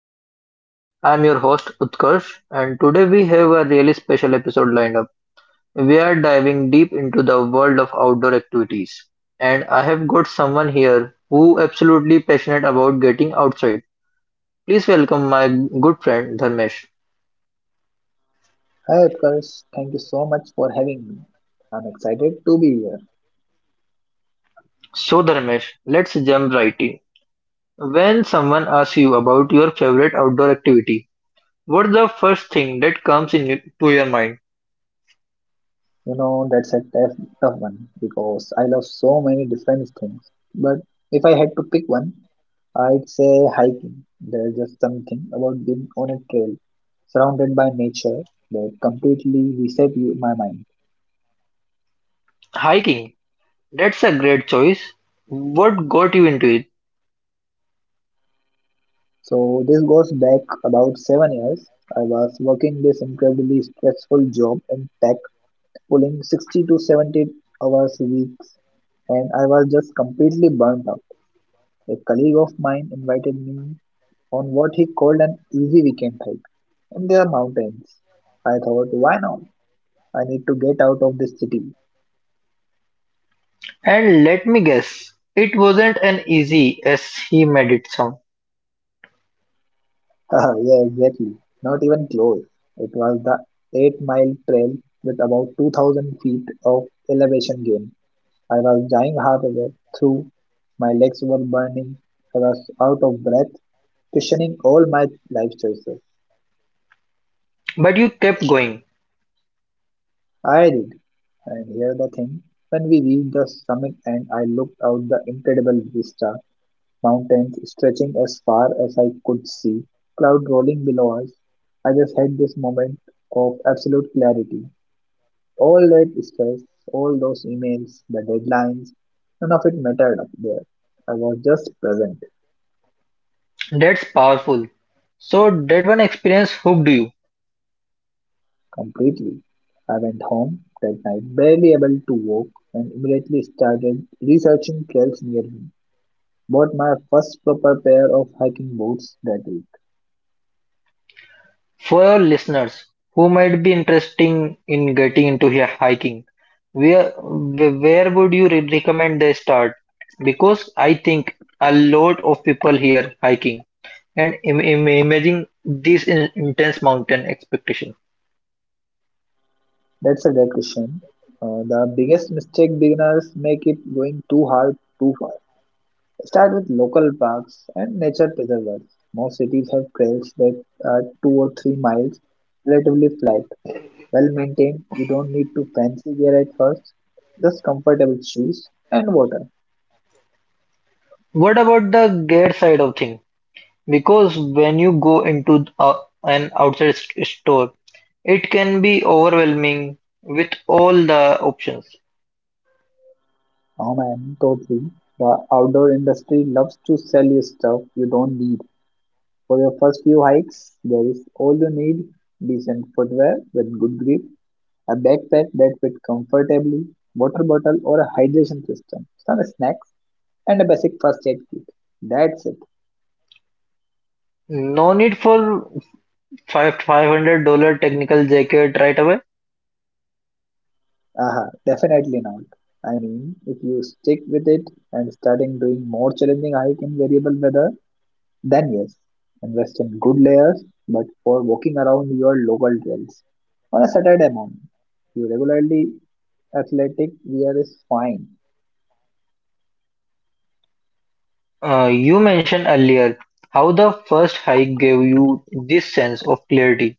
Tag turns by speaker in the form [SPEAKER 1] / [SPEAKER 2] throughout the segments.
[SPEAKER 1] podcast. I'm your host Utkarsh, and today we have a really special episode lined up. We are diving deep into the world of outdoor activities, and I have got someone here who absolutely passionate about getting outside. Please welcome my good friend Dharmesh.
[SPEAKER 2] Hi Utkarsh, thank you so much for having me. I'm excited to be here.
[SPEAKER 1] So Dharmesh, let's jump right in. When someone asks you about your favorite outdoor activity, what's the first thing that comes in to your mind?
[SPEAKER 2] You know, that's a tough one because I love so many different things. But if I had to pick one, I'd say hiking. There's just something about being on a trail surrounded by nature that completely reset you, my mind.
[SPEAKER 1] Hiking. That's a great choice. What got you into it?
[SPEAKER 2] So this goes back about 7 years. I was working this incredibly stressful job in tech, pulling 60 to 70 hours a week and I was just completely burnt out. A colleague of mine invited me on what he called an easy weekend hike in the mountains. I thought, why not? I need to get out of this city.
[SPEAKER 1] And let me guess, it wasn't an easy as he made it sound.
[SPEAKER 2] Yeah, exactly. Not even close. It was the 8-mile trail with about 2,000 feet of elevation gain. I was dying halfway through. My legs were burning. I was out of breath, questioning all my life choices.
[SPEAKER 1] But you kept going.
[SPEAKER 2] I did. And here the thing, when we reached the summit and I looked out the incredible vista, mountains stretching as far as I could see, cloud rolling below us, I just had this moment of absolute clarity. All that stress, all those emails, the deadlines, none of it mattered up there. I was just present,
[SPEAKER 1] That's powerful. So that one experience hooked you.
[SPEAKER 2] completely. I went home that night, barely able to walk, and immediately started researching trails near me. Bought my first proper pair of hiking boots that week.
[SPEAKER 1] For our listeners who might be interested in getting into hiking, where would you recommend they start? Because I think a lot of people here hiking and imagining this intense mountain expectation.
[SPEAKER 2] That's a great question. The biggest mistake beginners make it going too hard too fast. Start with local parks and nature preserves. Most cities have trails that are 2 or 3 miles, relatively flat, well maintained. You don't need to fancy gear at first, just comfortable shoes and water.
[SPEAKER 1] What about the gear side of thing? Because when you go into an outside store, it can be overwhelming with all the options.
[SPEAKER 2] Oh man, totally. The outdoor industry loves to sell you stuff you don't need. For your first few hikes, there is all you need decent footwear with good grip, a backpack that fits comfortably, water bottle or a hydration system, some snacks, and a basic first aid kit. That's it.
[SPEAKER 1] No need for five hundred-dollar technical jacket right away.
[SPEAKER 2] Aha, definitely not. I mean, if you stick with it and starting doing more challenging hike in variable weather, then yes, invest in good layers, but for walking around your local trails. On a Saturday morning, your regularly athletic wear is fine.
[SPEAKER 1] You mentioned earlier how the first hike gave you this sense of clarity.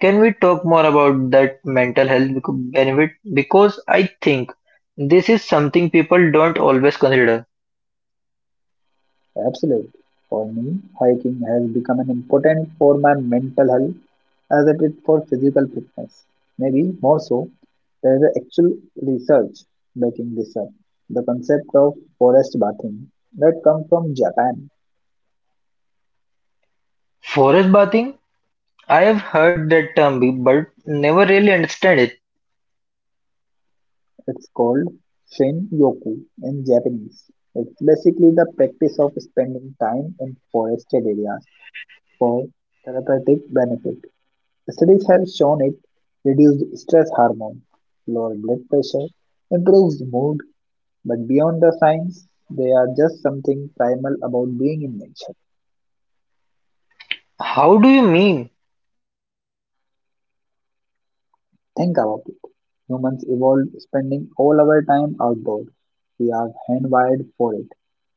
[SPEAKER 1] Can we talk more about that mental health benefit? Because I think this is something people don't always consider.
[SPEAKER 2] Absolutely. For me, hiking has become an important for my mental health as it is for physical fitness. Maybe more so, there is actual research backing this up. The concept of forest bathing that comes from Japan.
[SPEAKER 1] Forest bathing, I've heard that term but never really understand it.
[SPEAKER 2] It's called shin-yoku in Japanese. It's basically the practice of spending time in forested areas for therapeutic benefit. Studies have shown it reduces stress hormone, lower blood pressure, improves mood, but beyond the science, they are just something primal about being in nature.
[SPEAKER 1] How do you mean?
[SPEAKER 2] Think about it. Humans evolved spending all our time outdoors. We are hand-wired for it,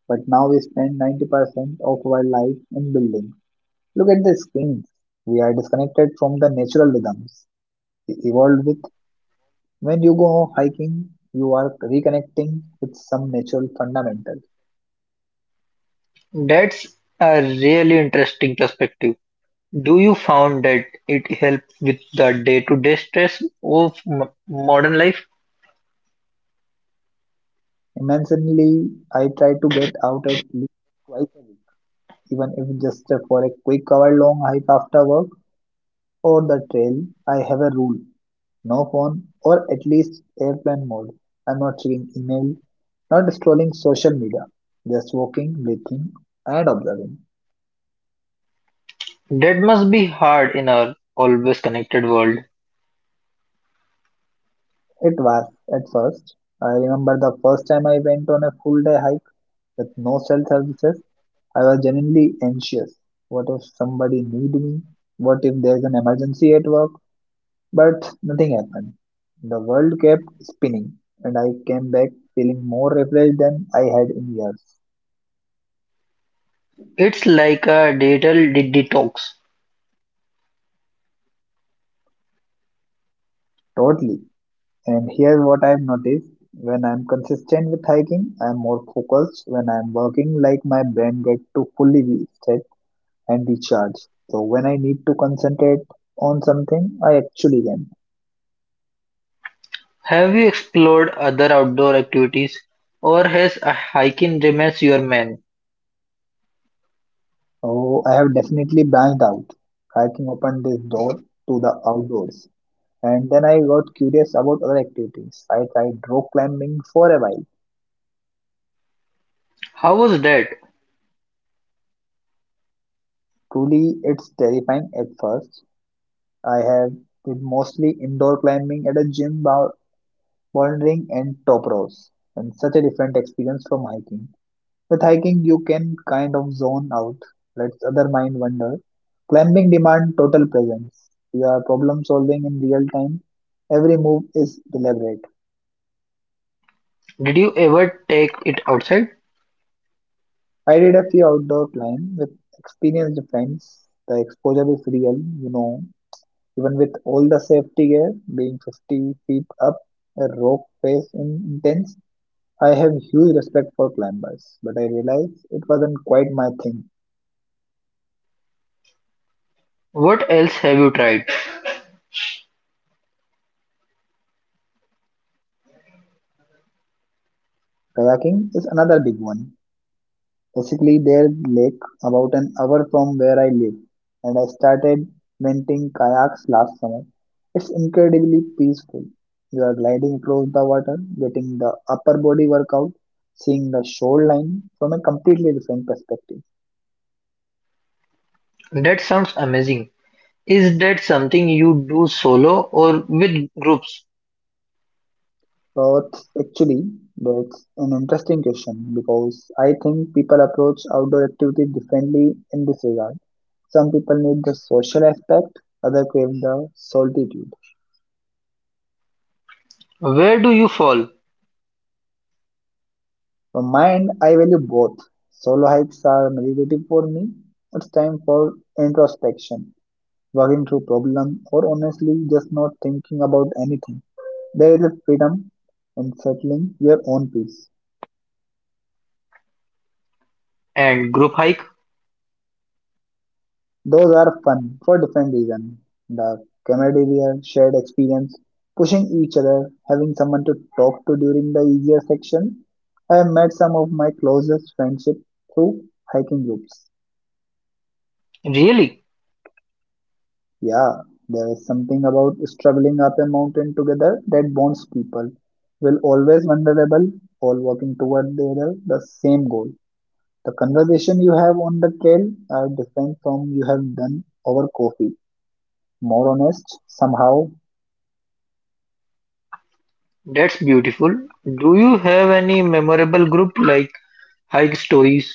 [SPEAKER 2] but now we spend 90% of our life in buildings. Look at the screens. We are disconnected from the natural rhythms we evolved with. When you go hiking, you are reconnecting with some natural fundamental.
[SPEAKER 1] That's a really interesting perspective. Do you found that it helps with the day-to-day stress of modern life?
[SPEAKER 2] Immensely, I try to get out at least twice a week, even if just for a quick hour long hike after work or the trail. I have a rule no phone, or at least airplane mode. I'm not checking email, not scrolling social media, just walking, breathing, and observing.
[SPEAKER 1] That must be hard in our always connected world.
[SPEAKER 2] It was at first. I remember the first time I went on a full day hike with no cell services. I was genuinely anxious. What if somebody need me? What if there is an emergency at work? But nothing happened. The world kept spinning, and I came back feeling more refreshed than I had in years.
[SPEAKER 1] It's like a digital detox.
[SPEAKER 2] Totally. And here's what I've noticed. When I'm consistent with hiking, I'm more focused. When I'm working, like my brain gets to fully reset and recharge. So when I need to concentrate on something, I actually can.
[SPEAKER 1] Have you explored other outdoor activities or has a hiking remains your man?
[SPEAKER 2] Oh, I have definitely branched out. Hiking opened this door to the outdoors. And then I got curious about other activities. I tried rock climbing for a while.
[SPEAKER 1] How was that?
[SPEAKER 2] Truly, it's terrifying at first. I have did mostly indoor climbing at a gym, bouldering, and top rows, and such a different experience from hiking. With hiking, you can kind of zone out, let other mind wander. Climbing demand total presence. You are problem solving in real time. Every move is deliberate.
[SPEAKER 1] Did you ever take it outside?
[SPEAKER 2] I did a few outdoor climb with experienced friends. The exposure is real, you know. Even with all the safety gear, being 50 feet up a rope face in intense. I have huge respect for climbers, but I realized it wasn't quite my thing.
[SPEAKER 1] What else have you tried?
[SPEAKER 2] Kayaking is another big one. Basically, their lake about an hour from where I live, and I started renting kayaks last summer. It's incredibly peaceful. You are gliding across the water, getting the upper body workout, seeing the shoreline from a completely different perspective.
[SPEAKER 1] That sounds amazing. Is that something you do solo or with groups?
[SPEAKER 2] But actually, that's an interesting question because I think people approach outdoor activity differently in this regard. Some people need the social aspect, others crave the solitude.
[SPEAKER 1] Where do you fall?
[SPEAKER 2] For mine, I value both. Solo hikes are meditative for me. It's time for introspection, working through problems, or honestly just not thinking about anything. There is a freedom in settling your own peace.
[SPEAKER 1] And group hike?
[SPEAKER 2] Those are fun for different reasons. The camaraderie, shared experience, pushing each other, having someone to talk to during the easier section. I have met some of my closest friendship through hiking groups.
[SPEAKER 1] Really?
[SPEAKER 2] Yeah, there is something about struggling up a mountain together that bonds people. We're always vulnerable, all working toward the, other, the same goal. The conversation you have on the trail are different from you have done over coffee. More honest, somehow.
[SPEAKER 1] That's beautiful. Do you have any memorable group like hike stories?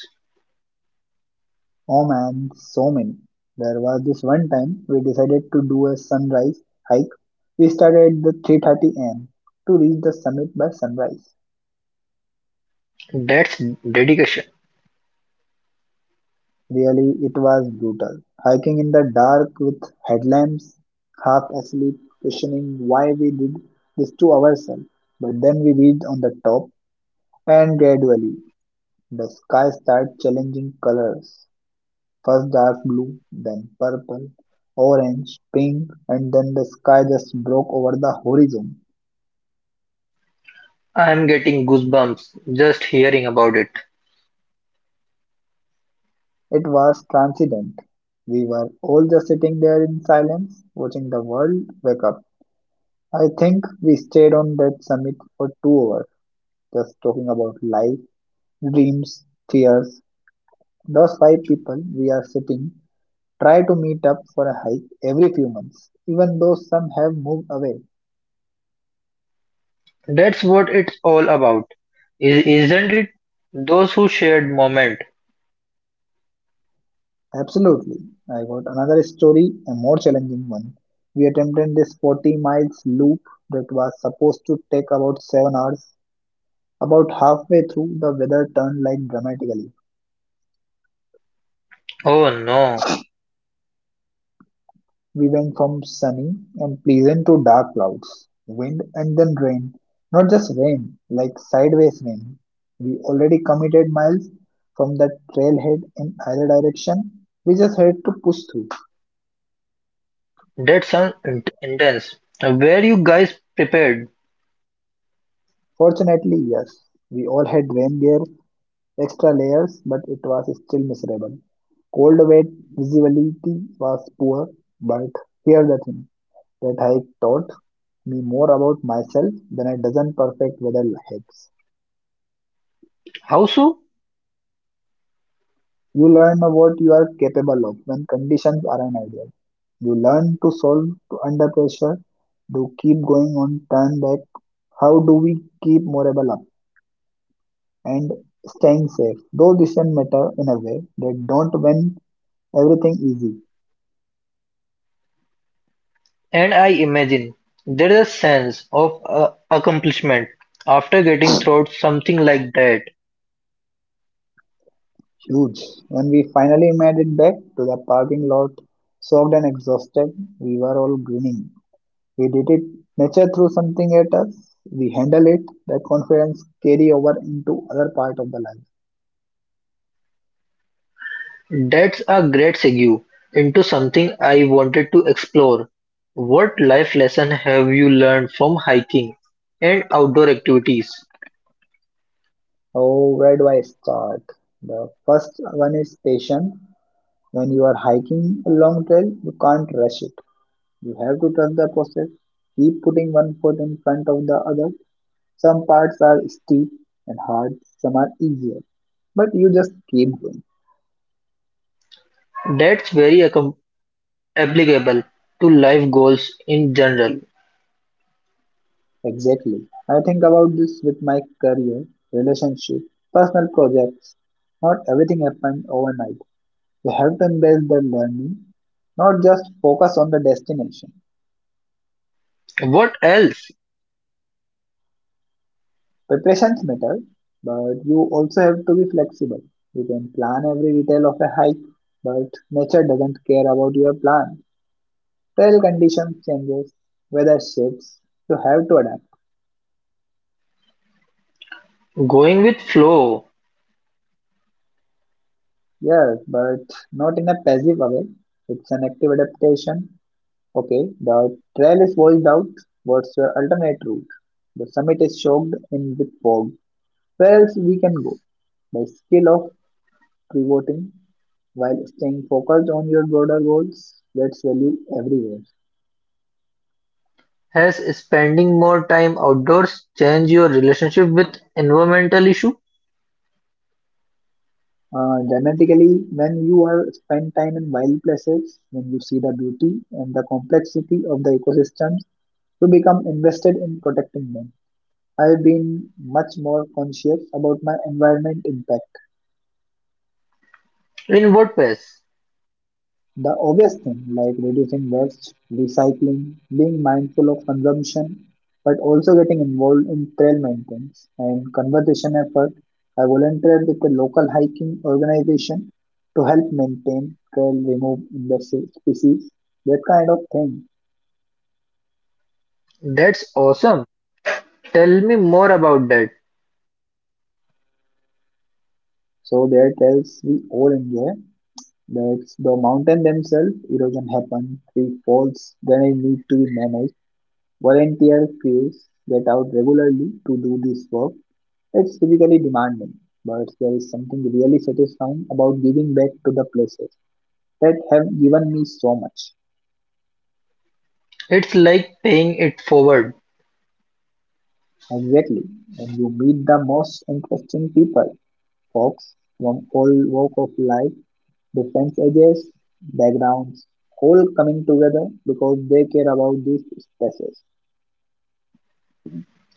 [SPEAKER 2] Oh man, so many. There was this one time we decided to do a sunrise hike. We started at the 3:30 a.m. to reach the summit by sunrise.
[SPEAKER 1] That's dedication.
[SPEAKER 2] Really, it was brutal. Hiking in the dark with headlamps, half asleep, questioning why we did this to ourselves. But then we reached on the top, and gradually the sky started challenging colors. First dark blue, then purple, orange, pink, and then the sky just broke over the horizon.
[SPEAKER 1] I'm getting goosebumps just hearing about it.
[SPEAKER 2] It was transcendent. We were all just sitting there in silence, watching the world wake up. I think we stayed on that summit for 2 hours, just talking about life, dreams, fears. Those five people we are sitting try to meet up for a hike every few months, even though some have moved away.
[SPEAKER 1] That's what it's all about, isn't it? Those who shared moment.
[SPEAKER 2] Absolutely. I got another story, a more challenging one. We attempted this 40 miles loop that was supposed to take about 7 hours. About halfway through, the weather turned like dramatically.
[SPEAKER 1] Oh no,
[SPEAKER 2] We went from sunny and pleasant to dark clouds, wind and then rain. Not just rain, like sideways rain. We already committed miles from that trailhead in either direction. We just had to push through.
[SPEAKER 1] that sounds intense. Were you guys prepared?
[SPEAKER 2] Fortunately, yes, we all had rain gear, extra layers, but it was still miserable. Cold wet visibility was poor, but here's the thing that hike taught me more about myself than a dozen perfect weather hikes.
[SPEAKER 1] How so?
[SPEAKER 2] You learn what you are capable of when conditions are ideal. You learn to solve to under pressure, to keep going on turn back. How do we keep morale up and staying safe? Those decisions matter in a way that don't when everything easy.
[SPEAKER 1] And I imagine there is a sense of accomplishment after getting through something like that.
[SPEAKER 2] Huge. When we finally made it back to the parking lot, soaked and exhausted, we were all grinning. We did it. Nature threw something at us. We handle it. That confidence carry over into other part of the life.
[SPEAKER 1] That's a great segue into something I wanted to explore. What life lesson have you learned from hiking and outdoor activities?
[SPEAKER 2] Oh, where do I start? The first one is patience. When you are hiking a long trail, you can't rush it. You have to trust the process. Keep putting one foot in front of the other. Some parts are steep and hard, some are easier, but you just keep going.
[SPEAKER 1] That's very applicable to life goals in general.
[SPEAKER 2] Exactly. I think about this with my career, relationship, personal projects. Not everything happened overnight. You have to embrace the learning, not just focus on the destination.
[SPEAKER 1] What else?
[SPEAKER 2] Preparations matter, but you also have to be flexible. You can plan every detail of a hike, but nature doesn't care about your plan. Trail conditions changes, weather shifts. You have to adapt.
[SPEAKER 1] Going with flow.
[SPEAKER 2] Yes, but not in a passive way. It's an active adaptation. Okay, the trail is washed out. What's your alternate route? The summit is choked in with fog. Where else we can go? The skill of pivoting while staying focused on your broader goals. Let's value everywhere.
[SPEAKER 1] Has spending more time outdoors changed your relationship with environmental issue?
[SPEAKER 2] Dramatically, when you are spend time in wild places, when you see the beauty and the complexity of the ecosystems, you become invested in protecting them. I have been much more conscious about my environment impact.
[SPEAKER 1] In WordPress.
[SPEAKER 2] The obvious thing like reducing waste, recycling, being mindful of consumption, but also getting involved in trail maintenance and conservation effort. I volunteered with a local hiking organization to help maintain trail, remove invasive species, that kind of thing.
[SPEAKER 1] That's awesome. Tell me more about that.
[SPEAKER 2] So there are trails we all enjoy. That's the mountain themselves, erosion happens, tree falls, then it needs to be managed. Volunteer crews get out regularly to do this work. It's physically demanding, but there is something really satisfying about giving back to the places that have given me so much.
[SPEAKER 1] It's like paying it forward.
[SPEAKER 2] Exactly. And you meet the most interesting people, folks from all walk of life, different ages, backgrounds, all coming together because they care about these spaces.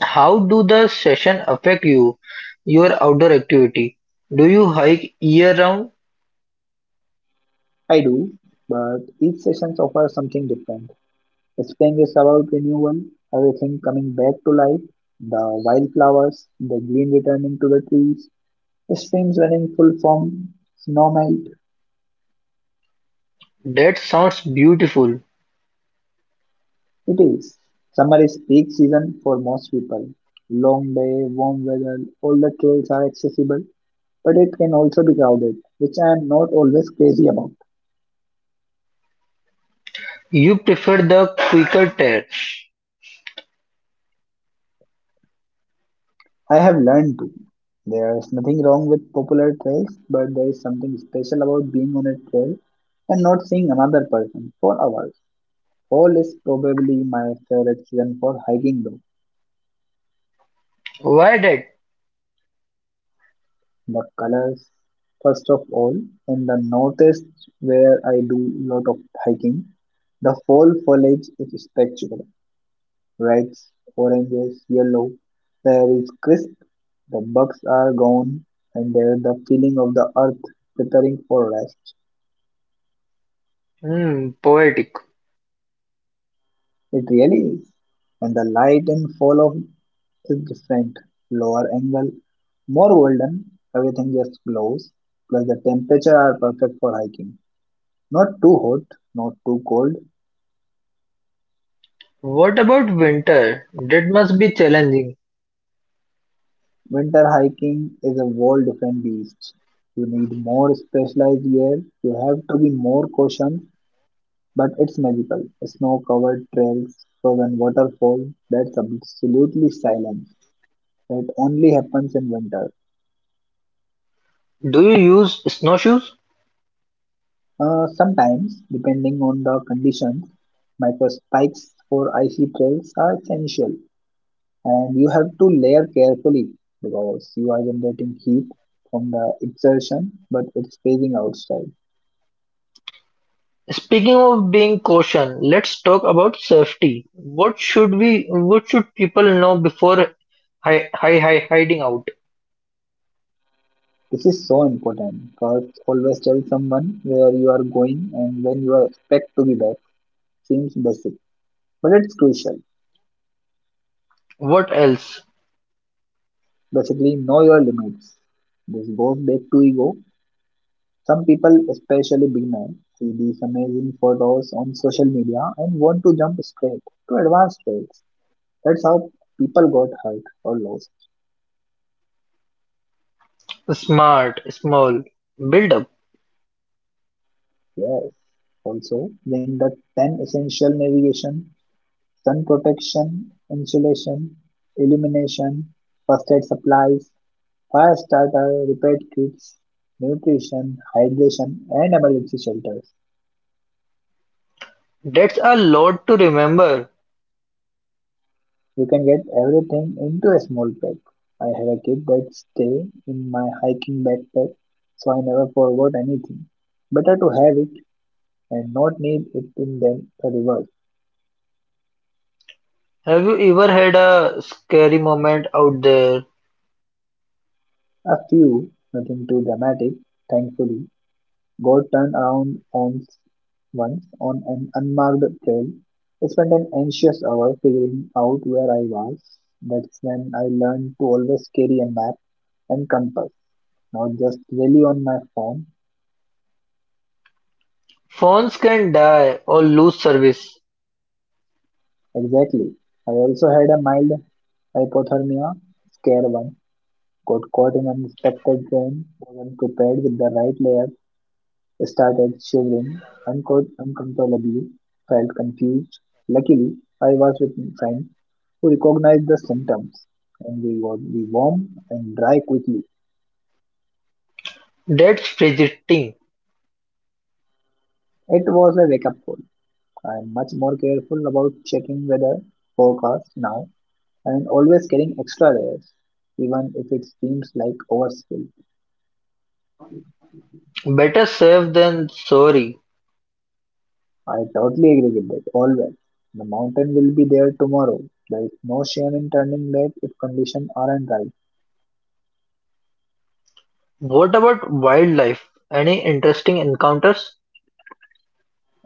[SPEAKER 1] How do the session affect you? Your outdoor activity. Do you hike year round?
[SPEAKER 2] I do, but each session offers something different. Spring is about renewal, everything coming back to life, the wildflowers, the green returning to the trees, the stream's running full form, snowmelt.
[SPEAKER 1] That sounds beautiful.
[SPEAKER 2] It is. Summer is peak season for most people. Long day, warm weather, all the trails are accessible, but it can also be crowded, which I am not always crazy about.
[SPEAKER 1] You prefer the quicker tear.
[SPEAKER 2] I have learned to. There is nothing wrong with popular trails, but there is something special about being on a trail and not seeing another person for hours. Fall is probably my favorite season for hiking though.
[SPEAKER 1] Why that?
[SPEAKER 2] The colors, first of all, in the northeast where I do lot of hiking, the fall foliage is spectacular. Reds, oranges, yellow. The air is crisp, the bugs are gone, and there the feeling of the earth preparing for rest.
[SPEAKER 1] Hmm, poetic.
[SPEAKER 2] It really is. And the light and fall of is different. Lower angle, more golden, everything just glows. Plus the temperature are perfect for hiking. Not too hot, not too cold.
[SPEAKER 1] What about winter? That must be challenging.
[SPEAKER 2] Winter hiking is a whole different beast. You need more specialized gear, you have to be more cautious, but it's magical. Snow covered trails, frozen waterfalls, that's absolutely silence. That only happens in winter.
[SPEAKER 1] Do you use snowshoes?
[SPEAKER 2] Sometimes, depending on the conditions, microspikes for icy trails are essential. And you have to layer carefully because you are generating heat from the exertion, but it's phasing outside.
[SPEAKER 1] Speaking of being caution, let's talk about safety. What should we, what should people know before hiding out?
[SPEAKER 2] This is so important. First, always tell someone where you are going and when you are expect to be back. Seems basic, but it's crucial.
[SPEAKER 1] What else?
[SPEAKER 2] Basically know your limits. This goes back to ego. Some people, especially beginners, see these amazing photos on social media and want to jump straight to advanced rates. That's how people got hurt or lost.
[SPEAKER 1] Smart, small, build up.
[SPEAKER 2] Yes. Also, when the 10 essential: navigation, sun protection, insulation, illumination, first aid supplies, fire starter, repair kits, nutrition, hydration, and emergency shelters.
[SPEAKER 1] That's a lot to remember.
[SPEAKER 2] You can get everything into a small pack. I have a kit that stay in my hiking backpack, so I never forgot anything. Better to have it and not need it in than the reverse.
[SPEAKER 1] Have you ever had a scary moment out there?
[SPEAKER 2] A few, nothing too dramatic, thankfully. Got turned around once, once on an unmarked trail. I spent an anxious hour figuring out where I was. That's when I learned to always carry a map and compass, not just rely on my phone.
[SPEAKER 1] Phones can die or lose service.
[SPEAKER 2] Exactly. I also had a mild hypothermia scare one. Got caught in an unexpected rain, wasn't prepared with the right layer, started shivering uncontrollably, felt confused. Luckily, I was with friends who recognized the symptoms and we would be warm and dry quickly.
[SPEAKER 1] That's fidgeting.
[SPEAKER 2] It was a wake up call. I am much more careful about checking weather forecast now and always carrying extra layers, even if it seems like overkill.
[SPEAKER 1] Better safe than sorry.
[SPEAKER 2] I totally agree with that, always. The mountain will be there tomorrow. There is no shame in turning late if conditions aren't right.
[SPEAKER 1] What about wildlife? Any interesting encounters?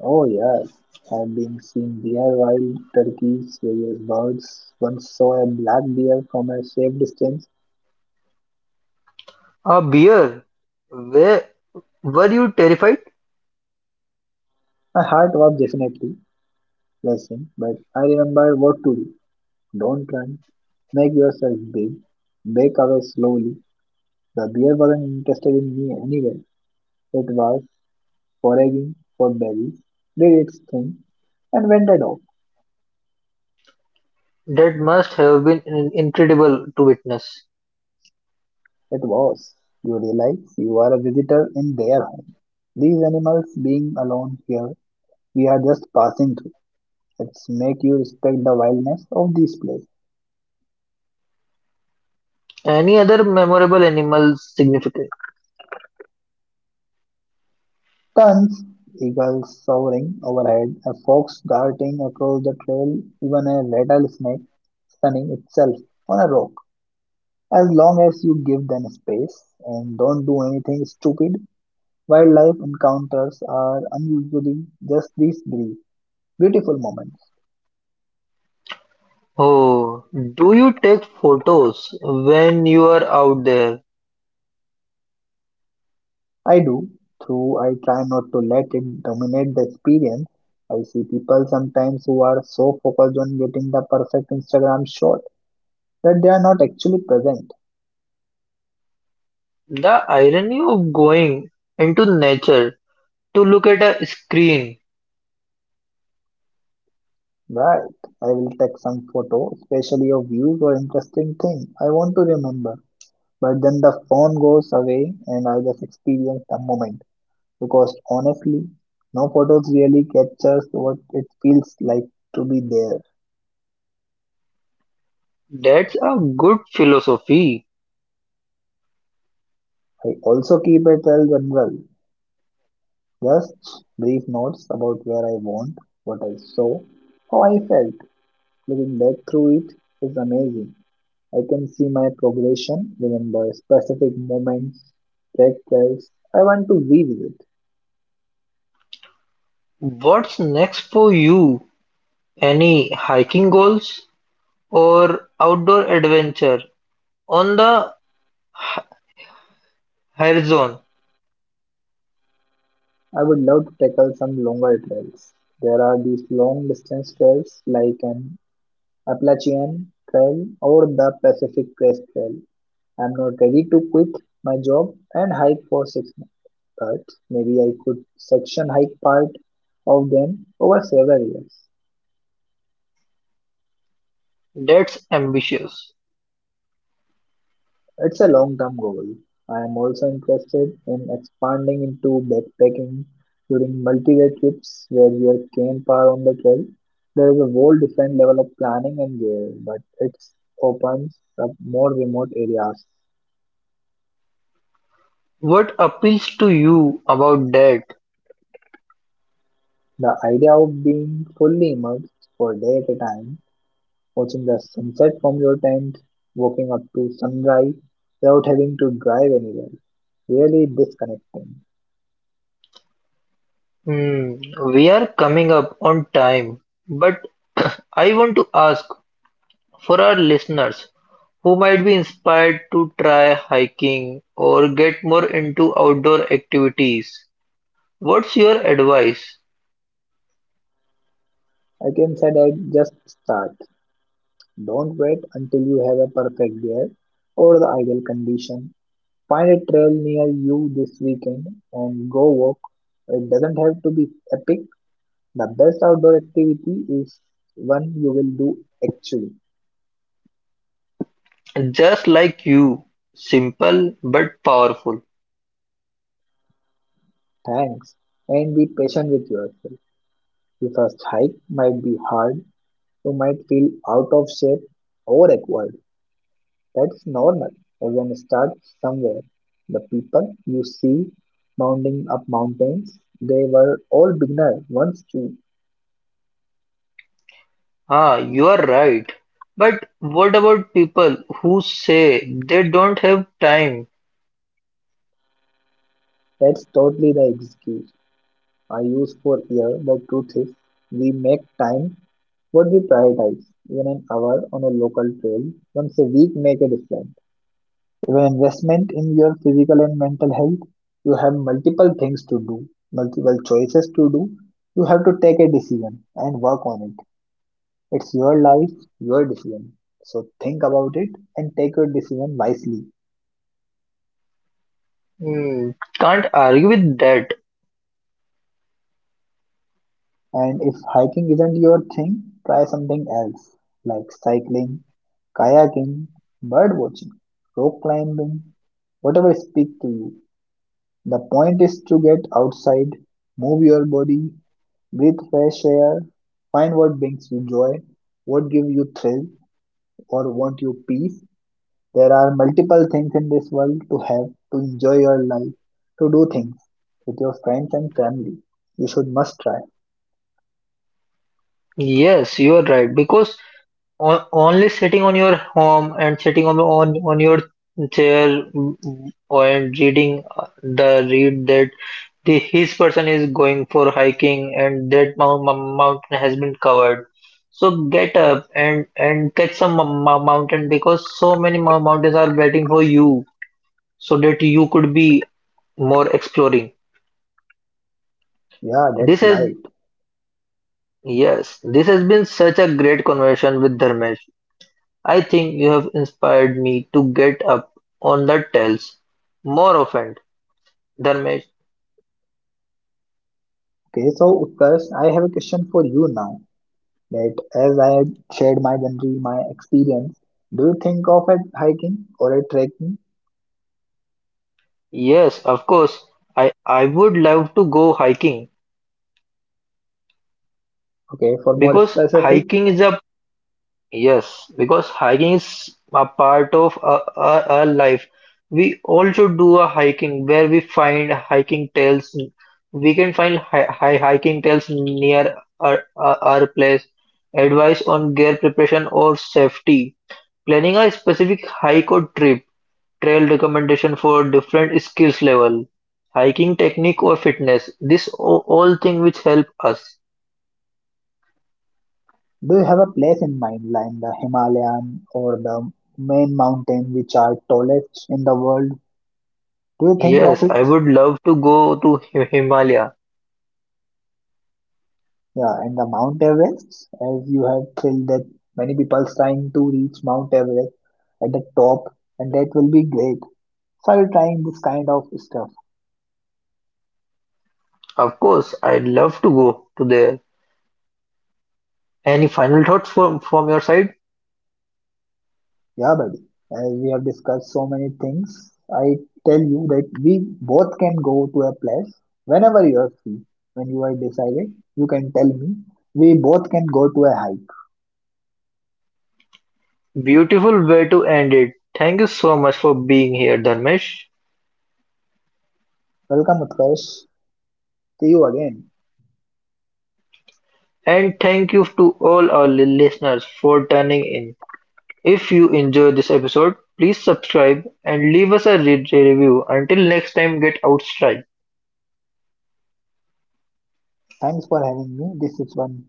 [SPEAKER 2] Oh, yes. I've been seeing deer, wild turkeys, various birds. Once saw a black deer from a safe distance.
[SPEAKER 1] A bear? Where, were you terrified?
[SPEAKER 2] My heart was definitely racing, but I remembered what to do. Don't run. Make yourself big. Back away slowly. The bear wasn't interested in me anyway. It was foraging for berries, did its thing, and wandered off.
[SPEAKER 1] That must have been incredible to witness.
[SPEAKER 2] It was. You realize you are a visitor in their home. These animals being alone here, we are just passing through. It's make you respect the wildness of this place.
[SPEAKER 1] Any other memorable animal significant?
[SPEAKER 2] Terns, eagles soaring overhead, a fox darting across the trail, even a rattlesnake sunning itself on a rock. As long as you give them space and don't do anything stupid, wildlife encounters are unusually just these brief, beautiful moments.
[SPEAKER 1] Oh, do you take photos when you are out there?
[SPEAKER 2] I do, though I try not to let it dominate the experience. I see people sometimes who are so focused on getting the perfect Instagram shot that they are not actually present.
[SPEAKER 1] The irony of going into nature to look at a screen.
[SPEAKER 2] Right. I will take some photo, especially of views or interesting thing I want to remember. But then the phone goes away and I just experience the moment. Because honestly, no photos really captures what it feels like to be there.
[SPEAKER 1] That's a good philosophy.
[SPEAKER 2] I also keep a trail general, just brief notes about where I went, what I saw, how I felt. Looking back through it is amazing. I can see my progression, remember specific moments, trek trails I want to revisit.
[SPEAKER 1] What's next for you? Any hiking goals or outdoor adventure on the horizon?
[SPEAKER 2] I would love to tackle some longer trails. There are these long distance trails like an Appalachian Trail or the Pacific Crest Trail. I'm not ready to quit my job and hike for 6 months, but maybe I could section hike part of them over several years.
[SPEAKER 1] That's ambitious.
[SPEAKER 2] It's a long term goal. I am also interested in expanding into backpacking during multi day trips where your camp are on the trail. There is a whole different level of planning and gear, but it opens up more remote areas.
[SPEAKER 1] What appeals to you about that?
[SPEAKER 2] The idea of being fully immersed for a day at a time, watching the sunset from your tent, walking up to sunrise without having to drive anywhere, really disconnecting.
[SPEAKER 1] Hmm, we are coming up on time, but I want to ask, for our listeners who might be inspired to try hiking or get more into outdoor activities, what's your advice?
[SPEAKER 2] I can say that just start. Don't wait until you have a perfect gear or the ideal condition. Find a trail near you this weekend and go walk. It doesn't have to be epic. The best outdoor activity is one you will do actually.
[SPEAKER 1] Just like you, simple but powerful.
[SPEAKER 2] Thanks. And be patient with yourself. The first hike might be hard. You might feel out of shape or awkward. That's normal. Everyone starts somewhere. The people you see mounting up mountains, they were all beginners once too.
[SPEAKER 1] Ah, you are right. But what about people who say they don't have time?
[SPEAKER 2] That's totally the excuse I use for year. The truth is, we make time what we prioritize. Even an hour on a local trail once a week make a difference. Even investment in your physical and mental health, you have multiple things to do, multiple choices to do. You have to take a decision and work on it. It's your life, your decision. So think about it and take your decision wisely.
[SPEAKER 1] Hmm, can't argue with that.
[SPEAKER 2] And if hiking isn't your thing, try something else like cycling, kayaking, bird watching, rock climbing, whatever speaks to you. The point is to get outside, move your body, breathe fresh air, find what brings you joy, what gives you thrill, or want you peace. There are multiple things in this world to have to enjoy your life, to do things with your friends and family. You should must try.
[SPEAKER 1] Yes, you are right. Because only sitting on your home and sitting on your chair and reading the read that the his person is going for hiking and that mountain has been covered. So get up and catch some mountain, because so many mountains are waiting for you so that you could be more exploring.
[SPEAKER 2] Yeah,
[SPEAKER 1] This
[SPEAKER 2] that's
[SPEAKER 1] has
[SPEAKER 2] right.
[SPEAKER 1] Yes, this has been such a great conversation with Dharmesh. I think you have inspired me to get up on the tells more often. Dharmesh,
[SPEAKER 2] Okay, so Utkarsh, I have a question for you now. That as I had shared my journey, my experience, do you think of a hiking or a trekking?
[SPEAKER 1] yes, of course. I would love to go hiking.
[SPEAKER 2] Okay, for more
[SPEAKER 1] Because
[SPEAKER 2] specific,
[SPEAKER 1] hiking is a Yes, because hiking is a part of our life. We all should do a hiking where we find hiking trails. We can find hiking trails near our place. Advice on gear preparation or safety. Planning a specific hike or trip. Trail recommendation for different skills level, hiking technique or fitness, this all thing which help us.
[SPEAKER 2] do you have a place in mind, like the Himalayan or the main mountain which are tallest in the world? Do you think of
[SPEAKER 1] Yes, I
[SPEAKER 2] it?
[SPEAKER 1] would love to go to Himalaya.
[SPEAKER 2] Yeah, and the Mount Everest, as you have said that many people trying to reach Mount Everest at the top, and that will be great. So are you trying this kind of stuff?
[SPEAKER 1] Of course, I'd love to go to there. Any final thoughts from your side?
[SPEAKER 2] Yeah, buddy. As we have discussed so many things, I tell you that we both can go to a place whenever you are free. When you are decided, you can tell me. We both can go to a hike.
[SPEAKER 1] Beautiful way to end it. Thank you so much for being here, Dharmesh.
[SPEAKER 2] Welcome, Utkarsh. See you again.
[SPEAKER 1] And thank you to all our listeners for tuning in. If you enjoyed this episode, please subscribe and leave us a review. Until next time, get outside.
[SPEAKER 2] Thanks for having me. This is one